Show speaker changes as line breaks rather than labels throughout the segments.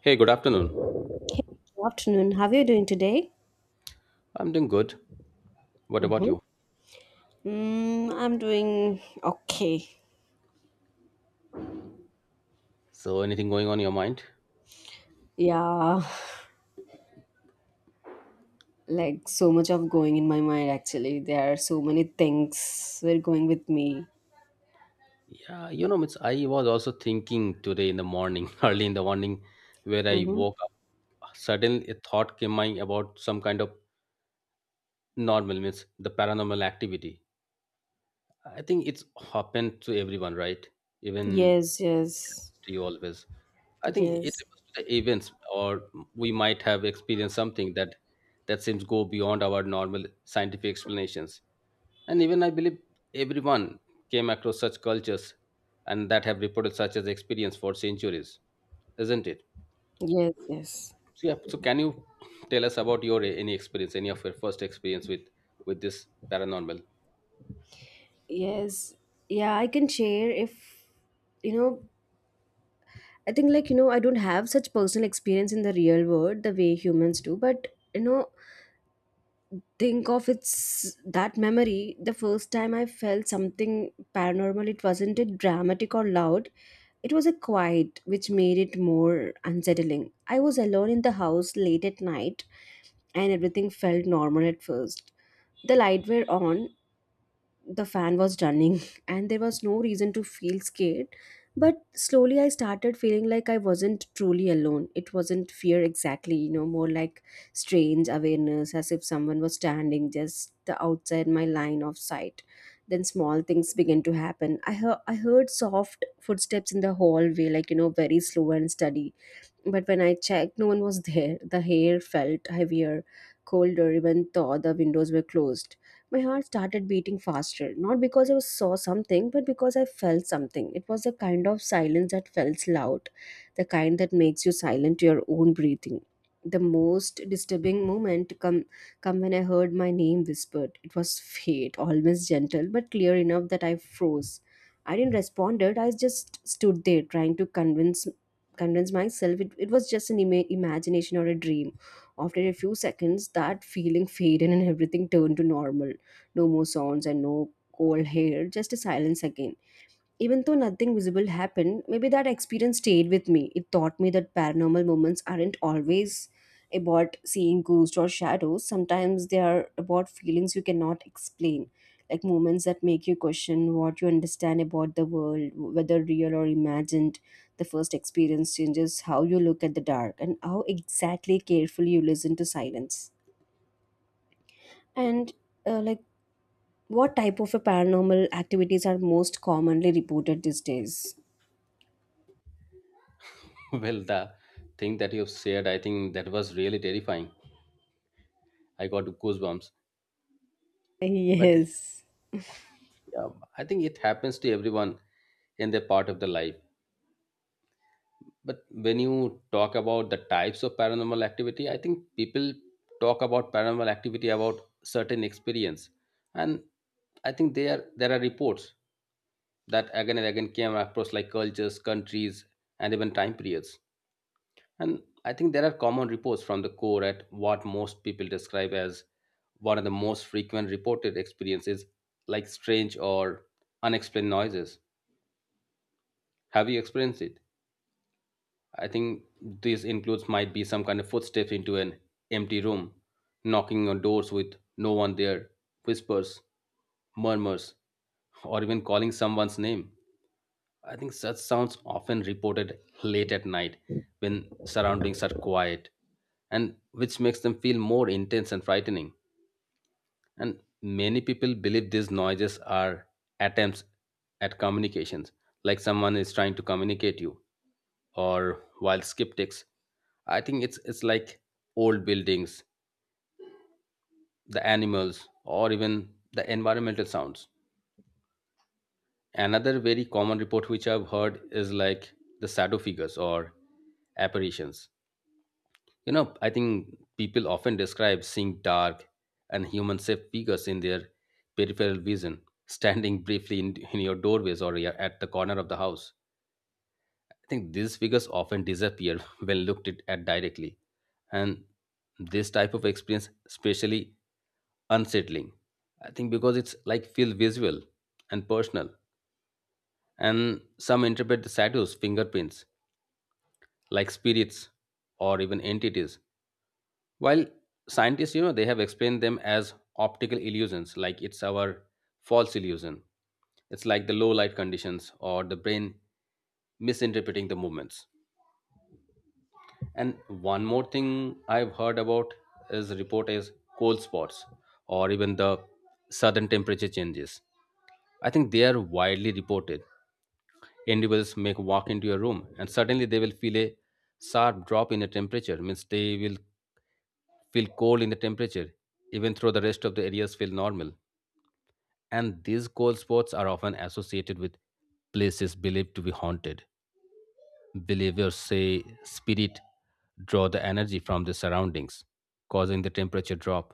Hey, good afternoon.
Hey, good afternoon. How are you doing today?
I'm doing good. What about
Mm-hmm.
you?
I'm doing okay.
So, anything going on in your mind?
Yeah, like so much of going in my mind actually. There are so many things were going with me.
I was also thinking today in the morning, early in the morning, where I
Mm-hmm.
woke up. Suddenly, a thought came my about some kind of normal means the paranormal activity. I think it's happened to everyone, right? Even
Yes, yes,
to you always. I think it
yes,
refers to the events, or we might have experienced something that seems go beyond our normal scientific explanations. And even I believe everyone came across such cultures and that have reported such as experience for centuries, isn't it?
yes, yes,
So, yeah, so can you tell us about your any experience, any of your first experience with this paranormal?
yes. Yeah, I can share if you know. I think like I don't have such personal experience in the real world the way humans do, but think of it's that memory the first time I felt something paranormal. It wasn't it dramatic or loud, it was a quiet which made it more unsettling. I was alone in the house late at night, and everything felt normal at first. The light were on, the fan was running and there was no reason to feel scared. But slowly I started feeling like I wasn't truly alone. It wasn't fear exactly, more like strange awareness, as if someone was standing just the outside my line of sight. Then small things began to happen. I heard soft footsteps in the hallway, like, very slow and steady. But when I checked, no one was there. The air felt heavier, colder, even though the windows were closed. My heart started beating faster, not because I saw something, but because I felt something. It was the kind of silence that felt loud, the kind that makes you silent to your own breathing. The most disturbing moment come when I heard my name whispered. It was faint, almost gentle, but clear enough that I froze. I didn't respond. I just stood there trying to convince myself it was just an imagination or a dream. After a few seconds, that feeling faded and everything turned to normal. No more sounds and no cold hair, just a silence again. Even though nothing visible happened, maybe that experience stayed with me. It taught me that paranormal moments aren't always about seeing ghosts or shadows. Sometimes they are about feelings you cannot explain, like moments that make you question what you understand about the world, whether real or imagined. The first experience changes how you look at the dark and how exactly carefully you listen to silence. And like, what type of a paranormal activities are most commonly reported these days?
Well, the thing that you've shared, I think that was really terrifying. I got goosebumps. But
Yes.
yeah, I think it happens to everyone in their part of the life. But when you talk about the types of paranormal activity, I think people talk about paranormal activity about certain experience, and I think there are reports that again and again came across like cultures, countries, and even time periods. And I think there are common reports from the core at what most people describe as one of the most frequent reported experiences, like strange or unexplained noises. Have you experienced it? I think this includes might be some kind of footsteps into an empty room, knocking on doors with no one there, whispers, murmurs, or even calling someone's name. I think such sounds often reported late at night when surroundings are quiet and which makes them feel more intense and frightening. And many people believe these noises are attempts at communications, like someone is trying to communicate you or wild skeptics. I think it's like old buildings, the animals, or even the environmental sounds. Another very common report which I've heard is like the shadow figures or apparitions. I think people often describe seeing dark and human shaped figures in their peripheral vision, standing briefly in your doorways or at the corner of the house. I think these figures often disappear when looked at directly, and this type of experience especially unsettling. I think because it's like feel visual and personal, and some interpret the shadows, fingerprints, like spirits or even entities. While scientists, you know, they have explained them as optical illusions, like it's our false illusion. It's like the low light conditions or the brain misinterpreting the movements. And one more thing I've heard about is report is cold spots or even the sudden temperature changes. I think they are widely reported. Individuals may walk into your room and suddenly they will feel a sharp drop in the temperature, means they will feel cold in the temperature, even though the rest of the areas feel normal. And these cold spots are often associated with places believed to be haunted. Believers say spirit draw the energy from the surroundings, causing the temperature drop,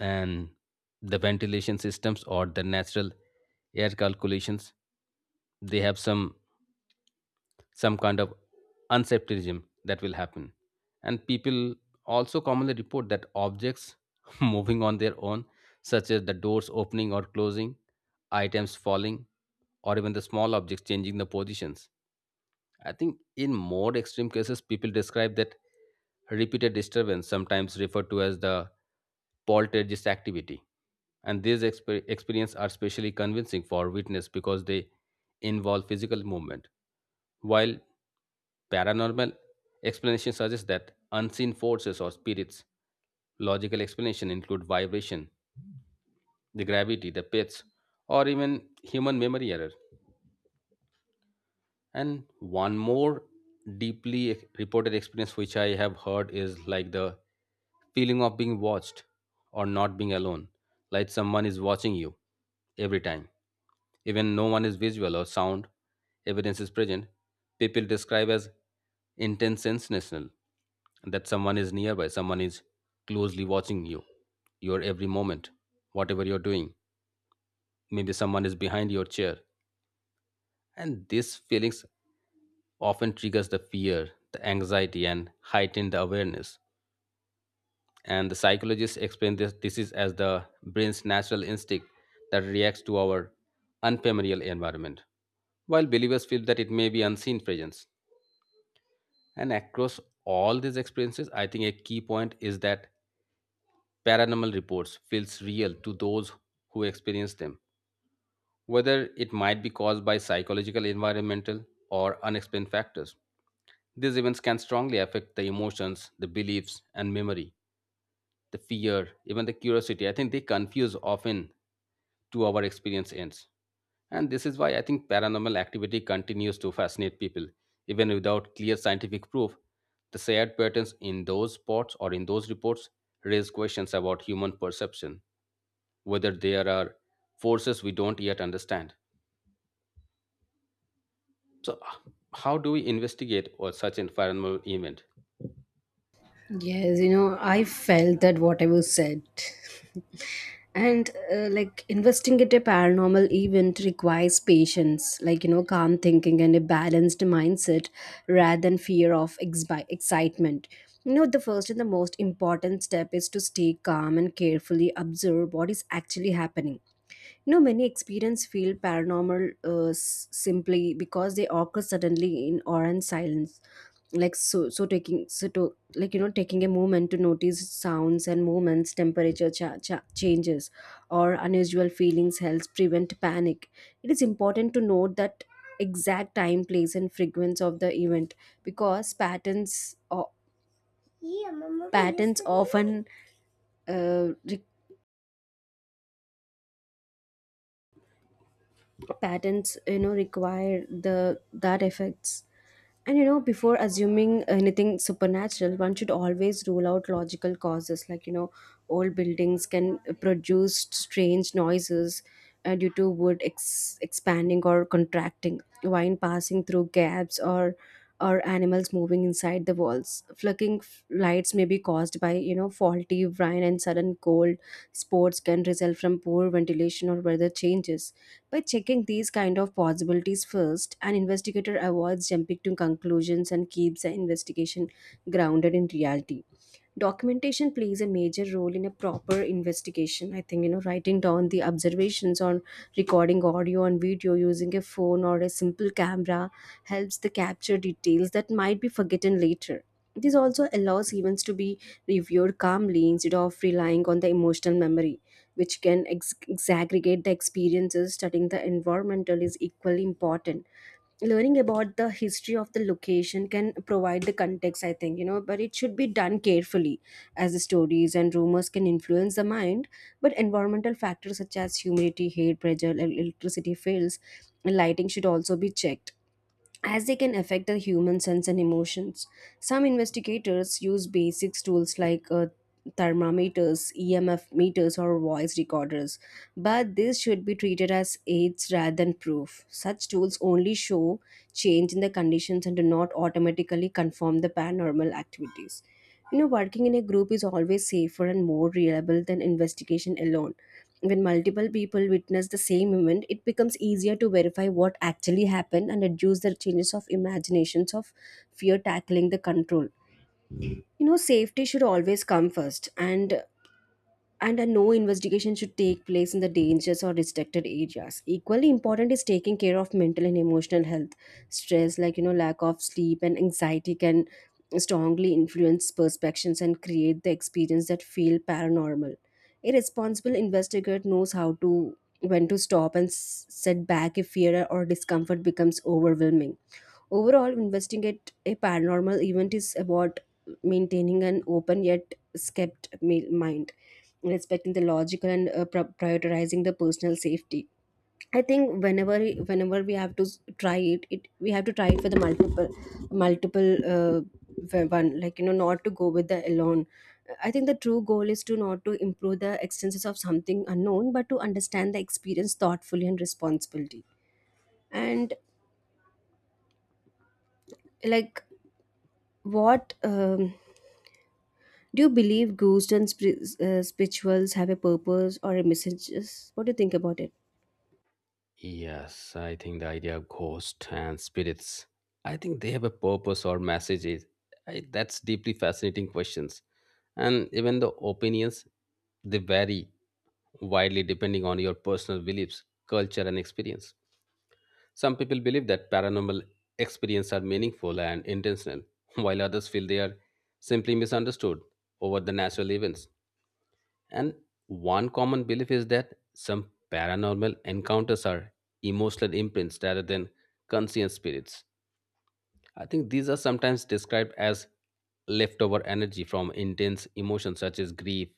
and the ventilation systems or the natural air calculations they have some kind of unsepticism that will happen. And people also commonly report that objects moving on their own, such as the doors opening or closing, items falling, or even the small objects changing the positions. I think in more extreme cases, people describe that repeated disturbance, sometimes referred to as the poltergeist activity. And these experiences are especially convincing for witness because they involve physical movement. While paranormal explanations suggest that unseen forces or spirits, logical explanation include vibration, the gravity, the pets, or even human memory error. And one more deeply reported experience which I have heard is like the feeling of being watched or not being alone, like someone is watching you every time. Even no one is visual or sound, evidence is present. People describe as intense sensational that someone is nearby, someone is closely watching you, your every moment, whatever you're doing. Maybe someone is behind your chair. And these feelings often triggers the fear, the anxiety, and heighten the awareness. And the psychologists explain this is as the brain's natural instinct that reacts to our unfamiliar environment, while believers feel that it may be unseen presence. And across all these experiences, I think a key point is that paranormal reports feels real to those who experience them, whether it might be caused by psychological, environmental, or unexplained factors. These events can strongly affect the emotions, the beliefs, and memory, the fear, even the curiosity. I think they confuse often to our experience ends. And this is why I think paranormal activity continues to fascinate people, even without clear scientific proof. The shared patterns in those spots or in those reports raise questions about human perception, whether there are forces we don't yet understand. So, how do we investigate or such an environmental event?
Yes, I felt that whatever said. And like, investigate a paranormal event requires patience, like, calm thinking and a balanced mindset rather than fear of exbi excitement. The first and the most important step is to stay calm and carefully observe what is actually happening. You know, many experience feel paranormal, simply because they occur suddenly in awe and silence. Like so so taking so to like you know taking a moment to notice sounds and movements, temperature changes or unusual feelings helps prevent panic. It is important to note that exact time, place, and frequency of the event, because patterns or patterns often re- patterns you know require the that effects. And before assuming anything supernatural, one should always rule out logical causes. Like, old buildings can produce strange noises, due to wood expanding or contracting, wine passing through gaps, or animals moving inside the walls. Flicking lights may be caused by, faulty wine, and sudden cold spots can result from poor ventilation or weather changes. By checking these kind of possibilities first, an investigator avoids jumping to conclusions and keeps the investigation grounded in reality. Documentation plays a major role in a proper investigation. I think, writing down the observations on, recording audio and video using a phone or a simple camera helps the capture details that might be forgotten later. This also allows events to be reviewed calmly instead of relying on the emotional memory, which can exaggerate the experiences. Studying the environmental is equally important. Learning about the history of the location can provide the context, I think, but it should be done carefully as the stories and rumors can influence the mind. But environmental factors such as humidity, heat, pressure, electricity fails, lighting should also be checked as they can affect the human sense and emotions. Some investigators use basic tools like thermometers, EMF meters, or voice recorders, but this should be treated as aids rather than proof. Such tools only show change in the conditions and do not automatically confirm the paranormal activities. Working in a group is always safer and more reliable than investigation alone. When multiple people witness the same event, it becomes easier to verify what actually happened and reduce the changes of imaginations of fear tackling the control. Safety should always come first, and a no investigation should take place in the dangerous or restricted areas. Equally important is taking care of mental and emotional health. Stress, like, lack of sleep, and anxiety can strongly influence perceptions and create the experience that feel paranormal. A responsible investigator knows how to when to stop and set back if fear or discomfort becomes overwhelming. Overall, investing at a paranormal event is about maintaining an open yet mind, respecting the logical and prioritizing the personal safety. I think whenever we have to try it we have to try it for the multiple one, like, not to go with the alone. I think the true goal is to not to improve the extenses of something unknown, but to understand the experience thoughtfully and responsibility. And, like, what Do you believe ghosts and spirituals have a purpose or a messages? What do you think about it?
Yes, I think the idea of ghosts and spirits, I think they have a purpose or messages. I, that's deeply fascinating questions. And even the opinions, they vary widely depending on your personal beliefs, culture, and experience. Some people believe that paranormal experiences are meaningful and intentional, while others feel they are simply misunderstood over the natural events. And one common belief is that some paranormal encounters are emotional imprints rather than conscious spirits. I think these are sometimes described as leftover energy from intense emotions such as grief,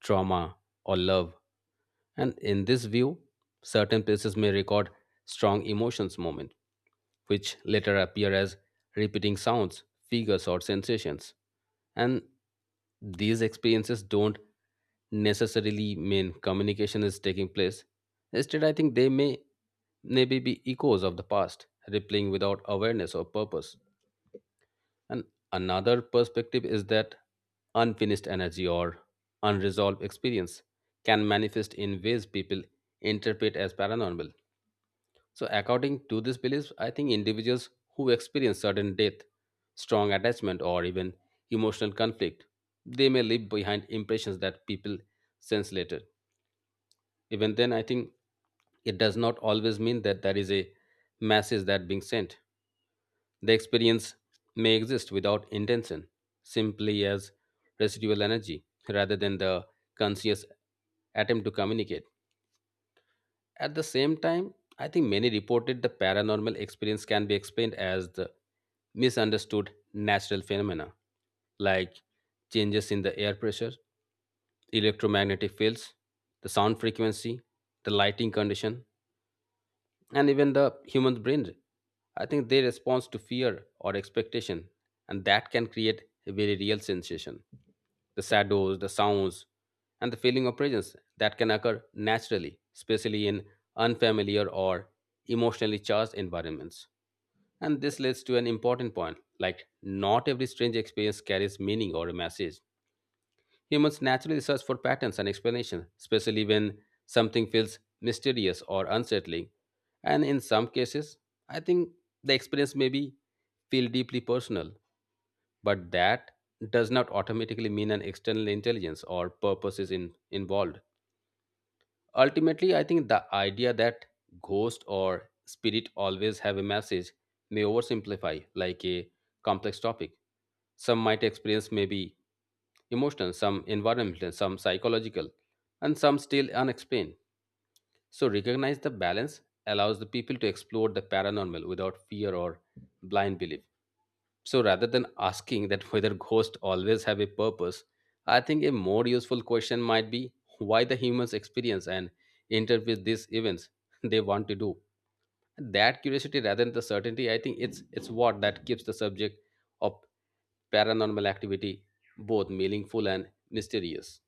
trauma, or love, and in this view, certain places may record strong emotions moment, which later appear as repeating sounds, figures, or sensations. And these experiences don't necessarily mean communication is taking place. Instead, I think they may maybe be echoes of the past, rippling without awareness or purpose. And another perspective is that unfinished energy or unresolved experience can manifest in ways people interpret as paranormal. So, according to this belief, I think individuals who experience sudden death, strong attachment, or even emotional conflict, they may leave behind impressions that people sense later. Even then, I think it does not always mean that there is a message that being sent. The experience may exist without intention, simply as residual energy, rather than the conscious attempt to communicate. At the same time, I think many reported the paranormal experience can be explained as the misunderstood natural phenomena like changes in the air pressure, electromagnetic fields, the sound frequency, the lighting condition, and even the human brain. I think they respond to fear or expectation, and that can create a very real sensation. The shadows, the sounds, and the feeling of presence that can occur naturally, especially in unfamiliar or emotionally charged environments. And this leads to an important point, like not every strange experience carries meaning or a message. Humans naturally search for patterns and explanations, especially when something feels mysterious or unsettling. And in some cases, I think the experience may be feel deeply personal, but that does not automatically mean an external intelligence or purpose is involved. Ultimately, I think the idea that ghost or spirit always have a message may oversimplify like a complex topic. Some might experience maybe emotional, some environmental, some psychological, and some still unexplained. So, recognize the balance allows the people to explore the paranormal without fear or blind belief. So, rather than asking that whether ghosts always have a purpose, I think a more useful question might be why the humans experience and interpret these events they want to do. That curiosity rather than the certainty, I think it's what that keeps the subject of paranormal activity both meaningful and mysterious,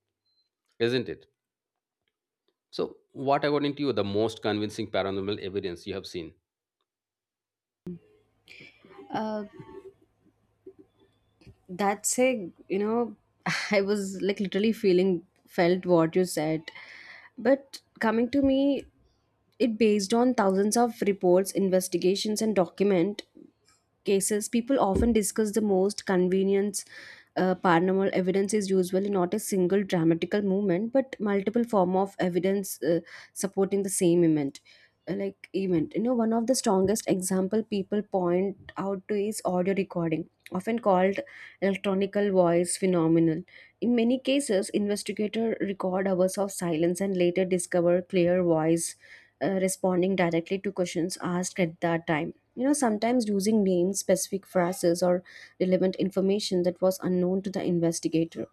isn't it? So, what according to you the most convincing paranormal evidence you have seen?
Uh, that's a I was like literally feeling felt what you said, but coming to me, it based on thousands of reports, investigations, and document cases, people often discuss the most convenience. Paranormal evidence is usually not a single dramatical movement, but multiple form of evidence, supporting the same event. Like event, one of the strongest example people point out to is audio recording, often called electronical voice phenomenon. In many cases, investigator record hours of silence and later discover clear voice, responding directly to questions asked at that time, sometimes using names, specific phrases, or relevant information that was unknown to the investigator.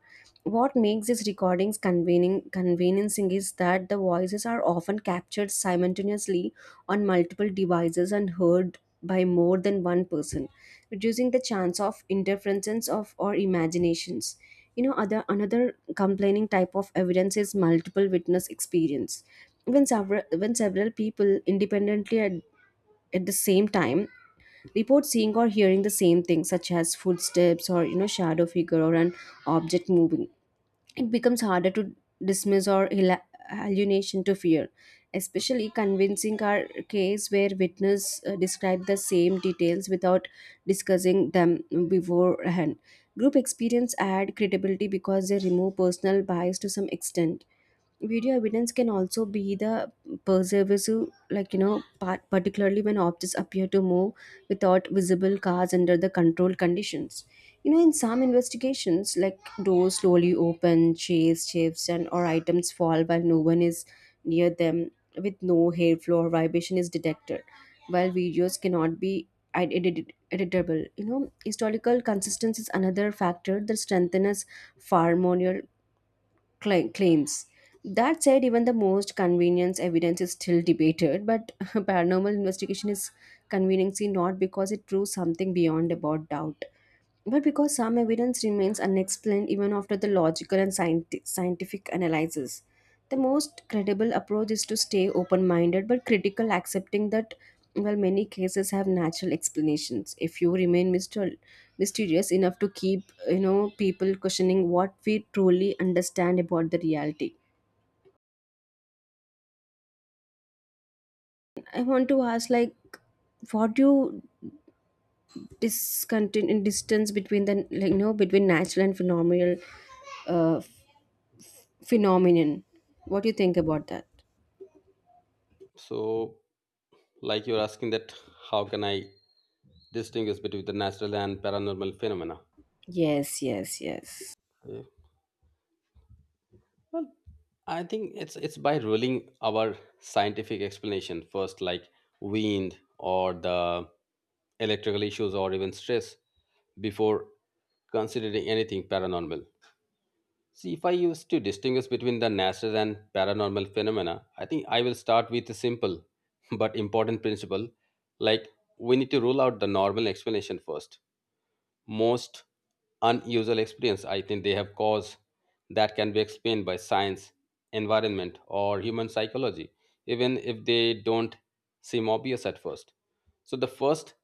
What makes these recordings convening conveniencing is that the voices are often captured simultaneously on multiple devices and heard by more than one person, reducing the chance of interferences of or imaginations. You know other another complaining type of evidence is multiple witness experience. When several people independently, at the same time, report seeing or hearing the same thing, such as footsteps, or shadow figure, or an object moving, it becomes harder to dismiss or hallucination to fear. Especially convincing our case where witness, describe the same details without discussing them beforehand. Group experience add credibility because they remove personal bias to some extent. Video evidence can also be the pervasive, like, particularly when objects appear to move without visible cause under the controlled conditions. In some investigations, like, doors slowly open, chairs shifts, and or items fall while no one is near them, with no airflow or vibration is detected. While videos cannot be editable, historical consistency is another factor that strengthens far more claims. That said, even the most convenience evidence is still debated, but paranormal investigation is conveniently not because it proves something beyond about doubt, but because some evidence remains unexplained even after the logical and scientific analysis. The most credible approach is to stay open minded but critical, accepting that, well, many cases have natural explanations. If you remain mysterious enough to keep, people questioning what we truly understand about the reality. I want to ask, like, what do you distance between the, like, between natural and phenomenal? uh. Phenomenon. What do you think about that?
So, like you're asking that, how can I distinguish between the natural and paranormal phenomena?
Yes, yes, yes.
Yeah. Well, I think it's by ruling our scientific explanation first, like wind or the electrical issues or even stress, before considering anything paranormal. See, if I used to distinguish between the natural and paranormal phenomena, I think I will start with a simple but important principle. Like, we need to rule out the normal explanation first. Most unusual experience, I think they have cause that can be explained by science, environment, or human psychology, even if they don't seem obvious at first. So, the first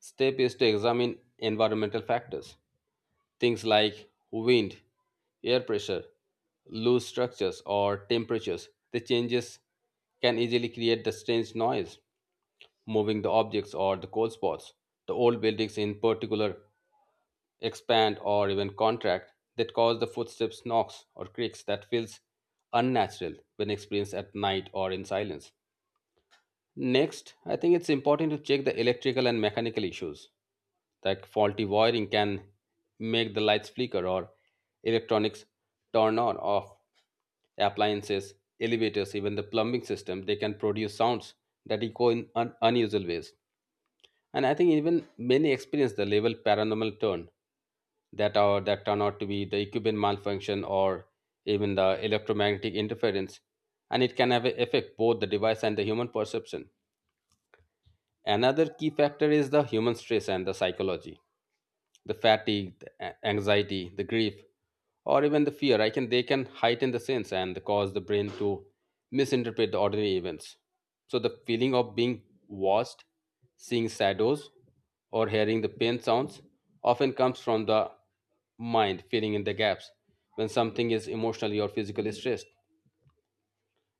step is to examine environmental factors. Things like wind, air pressure, loose structures, or temperatures. The changes can easily create the strange noise, moving the objects or the cold spots. The old buildings, in particular, expand or even contract that cause the footsteps knocks or creaks that feels unnatural when experienced at night or in silence. Next, I think it's important to check the electrical and mechanical issues that faulty wiring can make the lights flicker or electronics turn on off. Appliances, elevators, even the plumbing system, they can produce sounds that echo in unusual ways. And I think even many experience the level paranormal turn that turn out to be the equipment malfunction or even the electromagnetic interference, and it can have an effect both the device and the human perception. Another key factor is the human stress and the psychology, the fatigue, the anxiety, the grief, or even the fear. I can they can heighten the sense and cause the brain to misinterpret the ordinary events. So the feeling of being watched, seeing shadows, or hearing the pain sounds often comes from the mind filling in the gaps when something is emotionally or physically stressed.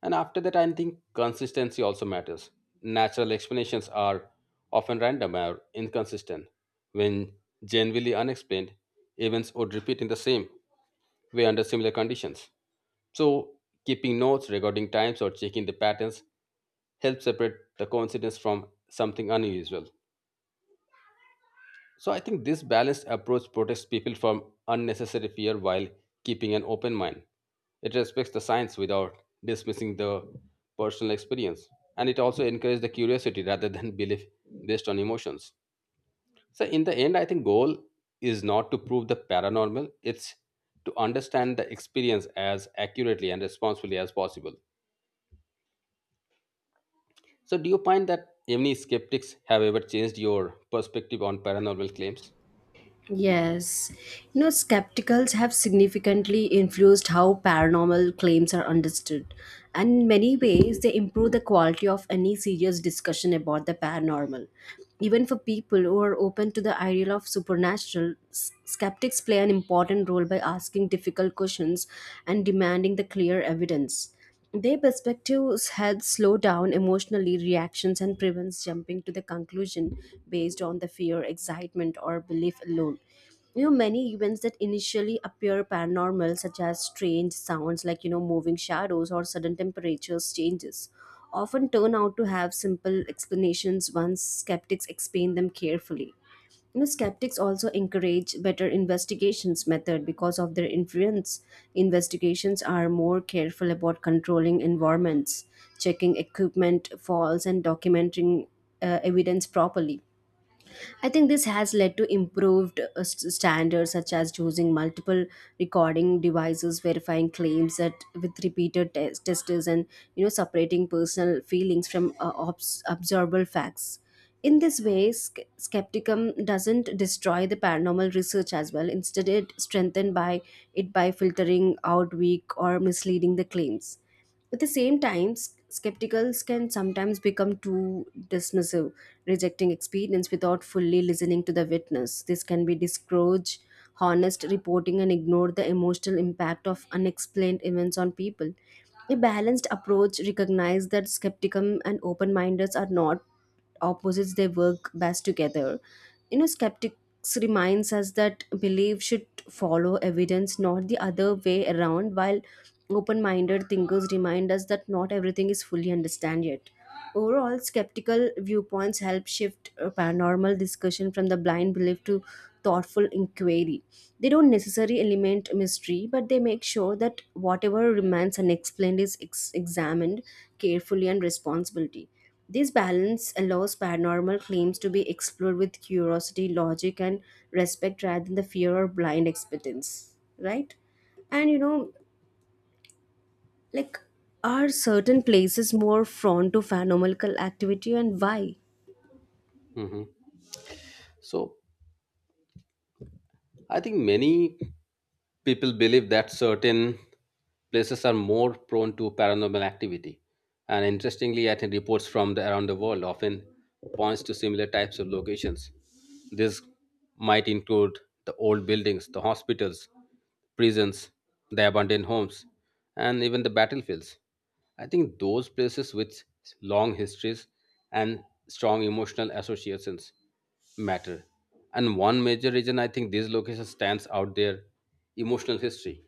And after that, I think consistency also matters. Natural explanations are often random or inconsistent. When genuinely unexplained, events would repeat in the same way under similar conditions. So, keeping notes regarding times or checking the patterns helps separate the coincidence from something unusual. So I think this balanced approach protects people from unnecessary fear while keeping an open mind. It respects the science without dismissing the personal experience. And it also encourages the curiosity rather than belief based on emotions. So in the end, I think goal is not to prove the paranormal, it's to understand the experience as accurately and responsibly as possible. So do you find that any skeptics have ever changed your perspective on paranormal claims?
Yes. Skepticals have significantly influenced how paranormal claims are understood. And in many ways, they improve the quality of any serious discussion about the paranormal. Even for people who are open to the idea of supernatural, skeptics play an important role by asking difficult questions and demanding the clear evidence. Their perspectives help slow down emotionally reactions and prevents jumping to the conclusion based on the fear, excitement, or belief alone. You know, many events that initially appear paranormal, such as strange sounds like moving shadows or sudden temperatures changes, often turn out to have simple explanations once skeptics explain them carefully. Skeptics also encourage better investigations method because of their influence. Investigations are more careful about controlling environments, checking equipment faults, and documenting evidence properly. I think this has led to improved standards such as choosing multiple recording devices, verifying claims that with repeated testers, and separating personal feelings from observable facts. In this way, skepticism doesn't destroy the paranormal research as well. Instead, it strengthened by it by filtering out weak or misleading the claims. At the same time, skepticals can sometimes become too dismissive, rejecting experience without fully listening to the witness. This can be discourage honest reporting and ignore the emotional impact of unexplained events on people. A balanced approach recognizes that skepticism and open mindedness are not opposites, they work best together. You know, skeptics reminds us that belief should follow evidence, not the other way around, while open minded thinkers remind us that not everything is fully understood yet. Overall, skeptical viewpoints help shift a paranormal discussion from the blind belief to thoughtful inquiry. They don't necessarily eliminate mystery, but they make sure that whatever remains unexplained is examined carefully and responsibly. This balance allows paranormal claims to be explored with curiosity, logic, and respect rather than the fear or blind expectance, right? And like, are certain places more prone to phenomenal activity and why?
Hmm. So I think many people believe that certain places are more prone to paranormal activity. And interestingly, I think reports from around the world often points to similar types of locations. This might include the old buildings, the hospitals, prisons, the abandoned homes, and even the battlefields. I think those places with long histories and strong emotional associations matter. And one major reason I think these locations stands out their emotional history.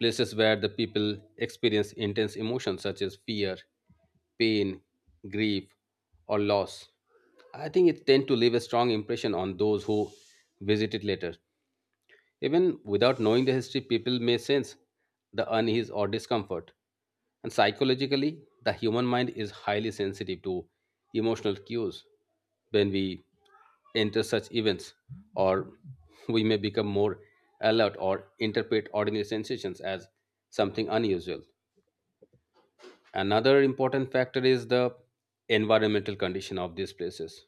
Places where the people experience intense emotions such as fear, pain, grief, or loss. I think it tend to leave a strong impression on those who visit it later. Even without knowing the history, people may sense the unease or discomfort. And psychologically, the human mind is highly sensitive to emotional cues. When we enter such events, or we may become more alert or interpret ordinary sensations as something unusual. Another important factor is the environmental condition of these places.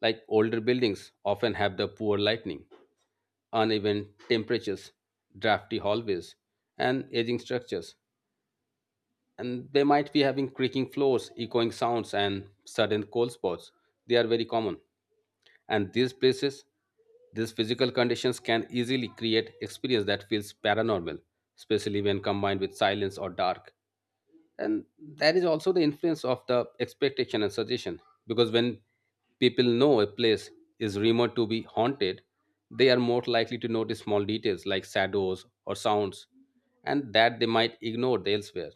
Like, older buildings often have the poor lighting, uneven temperatures, drafty hallways, and aging structures. And they might be having creaking floors, echoing sounds, and sudden cold spots. They are very common. And these places, these physical conditions can easily create experience that feels paranormal, especially when combined with silence or dark. And that is also the influence of the expectation and suggestion, because when people know a place is rumored to be haunted, they are more likely to notice small details like shadows or sounds, and that they might ignore elsewhere.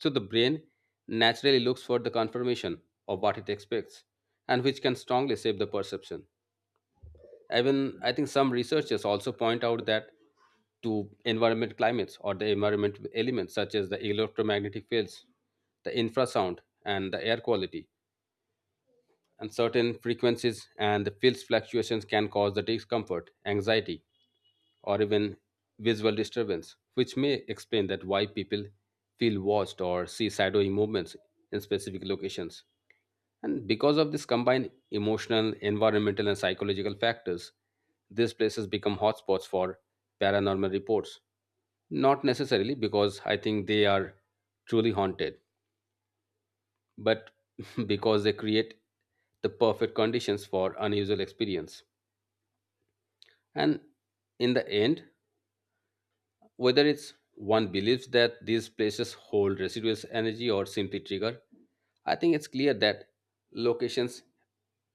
So the brain naturally looks for the confirmation of what it expects, and which can strongly shape the perception. Even I think some researchers also point out that to environment climates or the environment elements such as the electromagnetic fields, the infrasound, and the air quality. And certain frequencies and the fields fluctuations can cause the discomfort, anxiety, or even visual disturbance, which may explain that why people feel watched or see shadowy movements in specific locations. And because of this combined emotional, environmental, and psychological factors, these places become hotspots for paranormal reports. Not necessarily because I think they are truly haunted, but because they create the perfect conditions for unusual experience. And in the end, whether it's one believes that these places hold residuous energy or simply trigger, I think it's clear that locations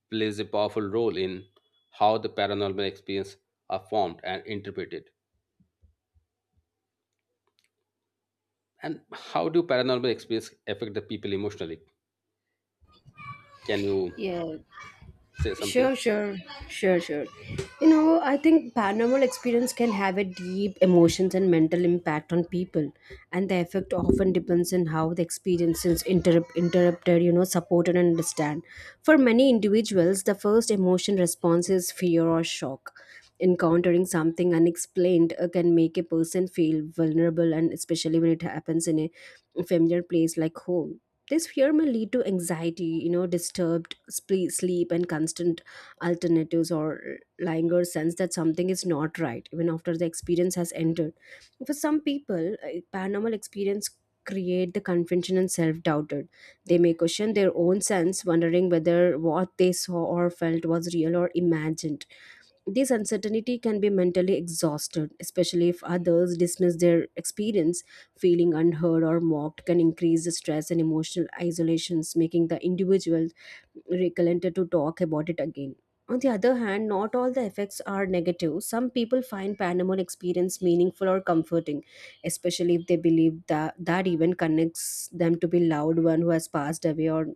plays a powerful role in how the paranormal experience are formed and interpreted. And how do paranormal experience affect the people emotionally? Can you
Yeah.
say something?
Sure, sure, sure, sure. You know, I think paranormal experience can have a deep emotions and mental impact on people, and the effect often depends on how the experiences interrupted, supported and understand. For many individuals, the first emotion response is fear or shock. Encountering something unexplained can make a person feel vulnerable, and especially when it happens in a familiar place like home, this fear may lead to anxiety, disturbed sleep, and constant alternatives or longer sense that something is not right even after the experience has ended. For some people, paranormal experience create the confusion and self-doubted. They may question their own sense, wondering whether what they saw or felt was real or imagined. This uncertainty can be mentally exhausted, especially if others dismiss their experience. Feeling unheard or mocked can increase the stress and emotional isolations, making the individual reluctant to talk about it again. On the other hand, not all the effects are negative. Some people find paranormal experience meaningful or comforting, especially if they believe that that event connects them to be loved one who has passed away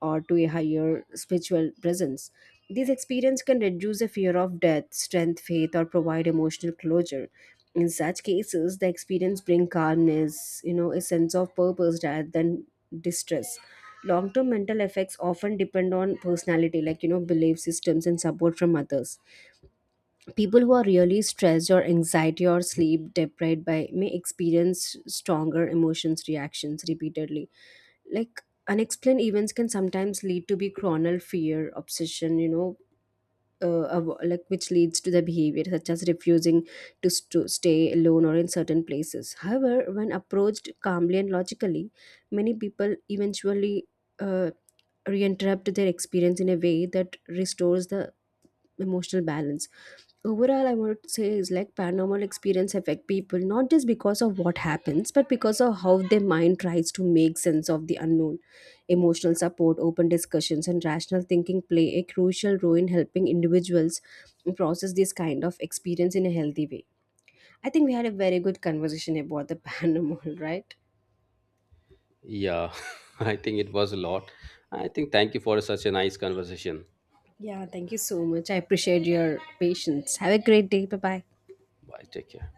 or to a higher spiritual presence. These experience can reduce the fear of death, strength faith, or provide emotional closure. In such cases, the experience bring calmness, you know, a sense of purpose rather than distress. Long term mental effects often depend on personality, belief systems and support from others. People who are really stressed or anxiety or sleep deprived by may experience stronger emotions reactions repeatedly, like unexplained events can sometimes lead to be chronic fear obsession, which leads to the behavior such as refusing to stay alone or in certain places. However, when approached calmly and logically, many people eventually uh, reinterrupt their experience in a way that restores the emotional balance. Overall, I would say is like paranormal experience affect people not just because of what happens, but because of how their mind tries to make sense of the unknown. Emotional support, open discussions, and rational thinking play a crucial role in helping individuals process this kind of experience in a healthy way. I think we had a very good conversation about the paranormal, right?
Yeah, I think it was a lot. I think thank you for such a nice conversation.
Yeah, thank you so much. I appreciate your patience. Have a great day. Bye bye.
Bye, take care.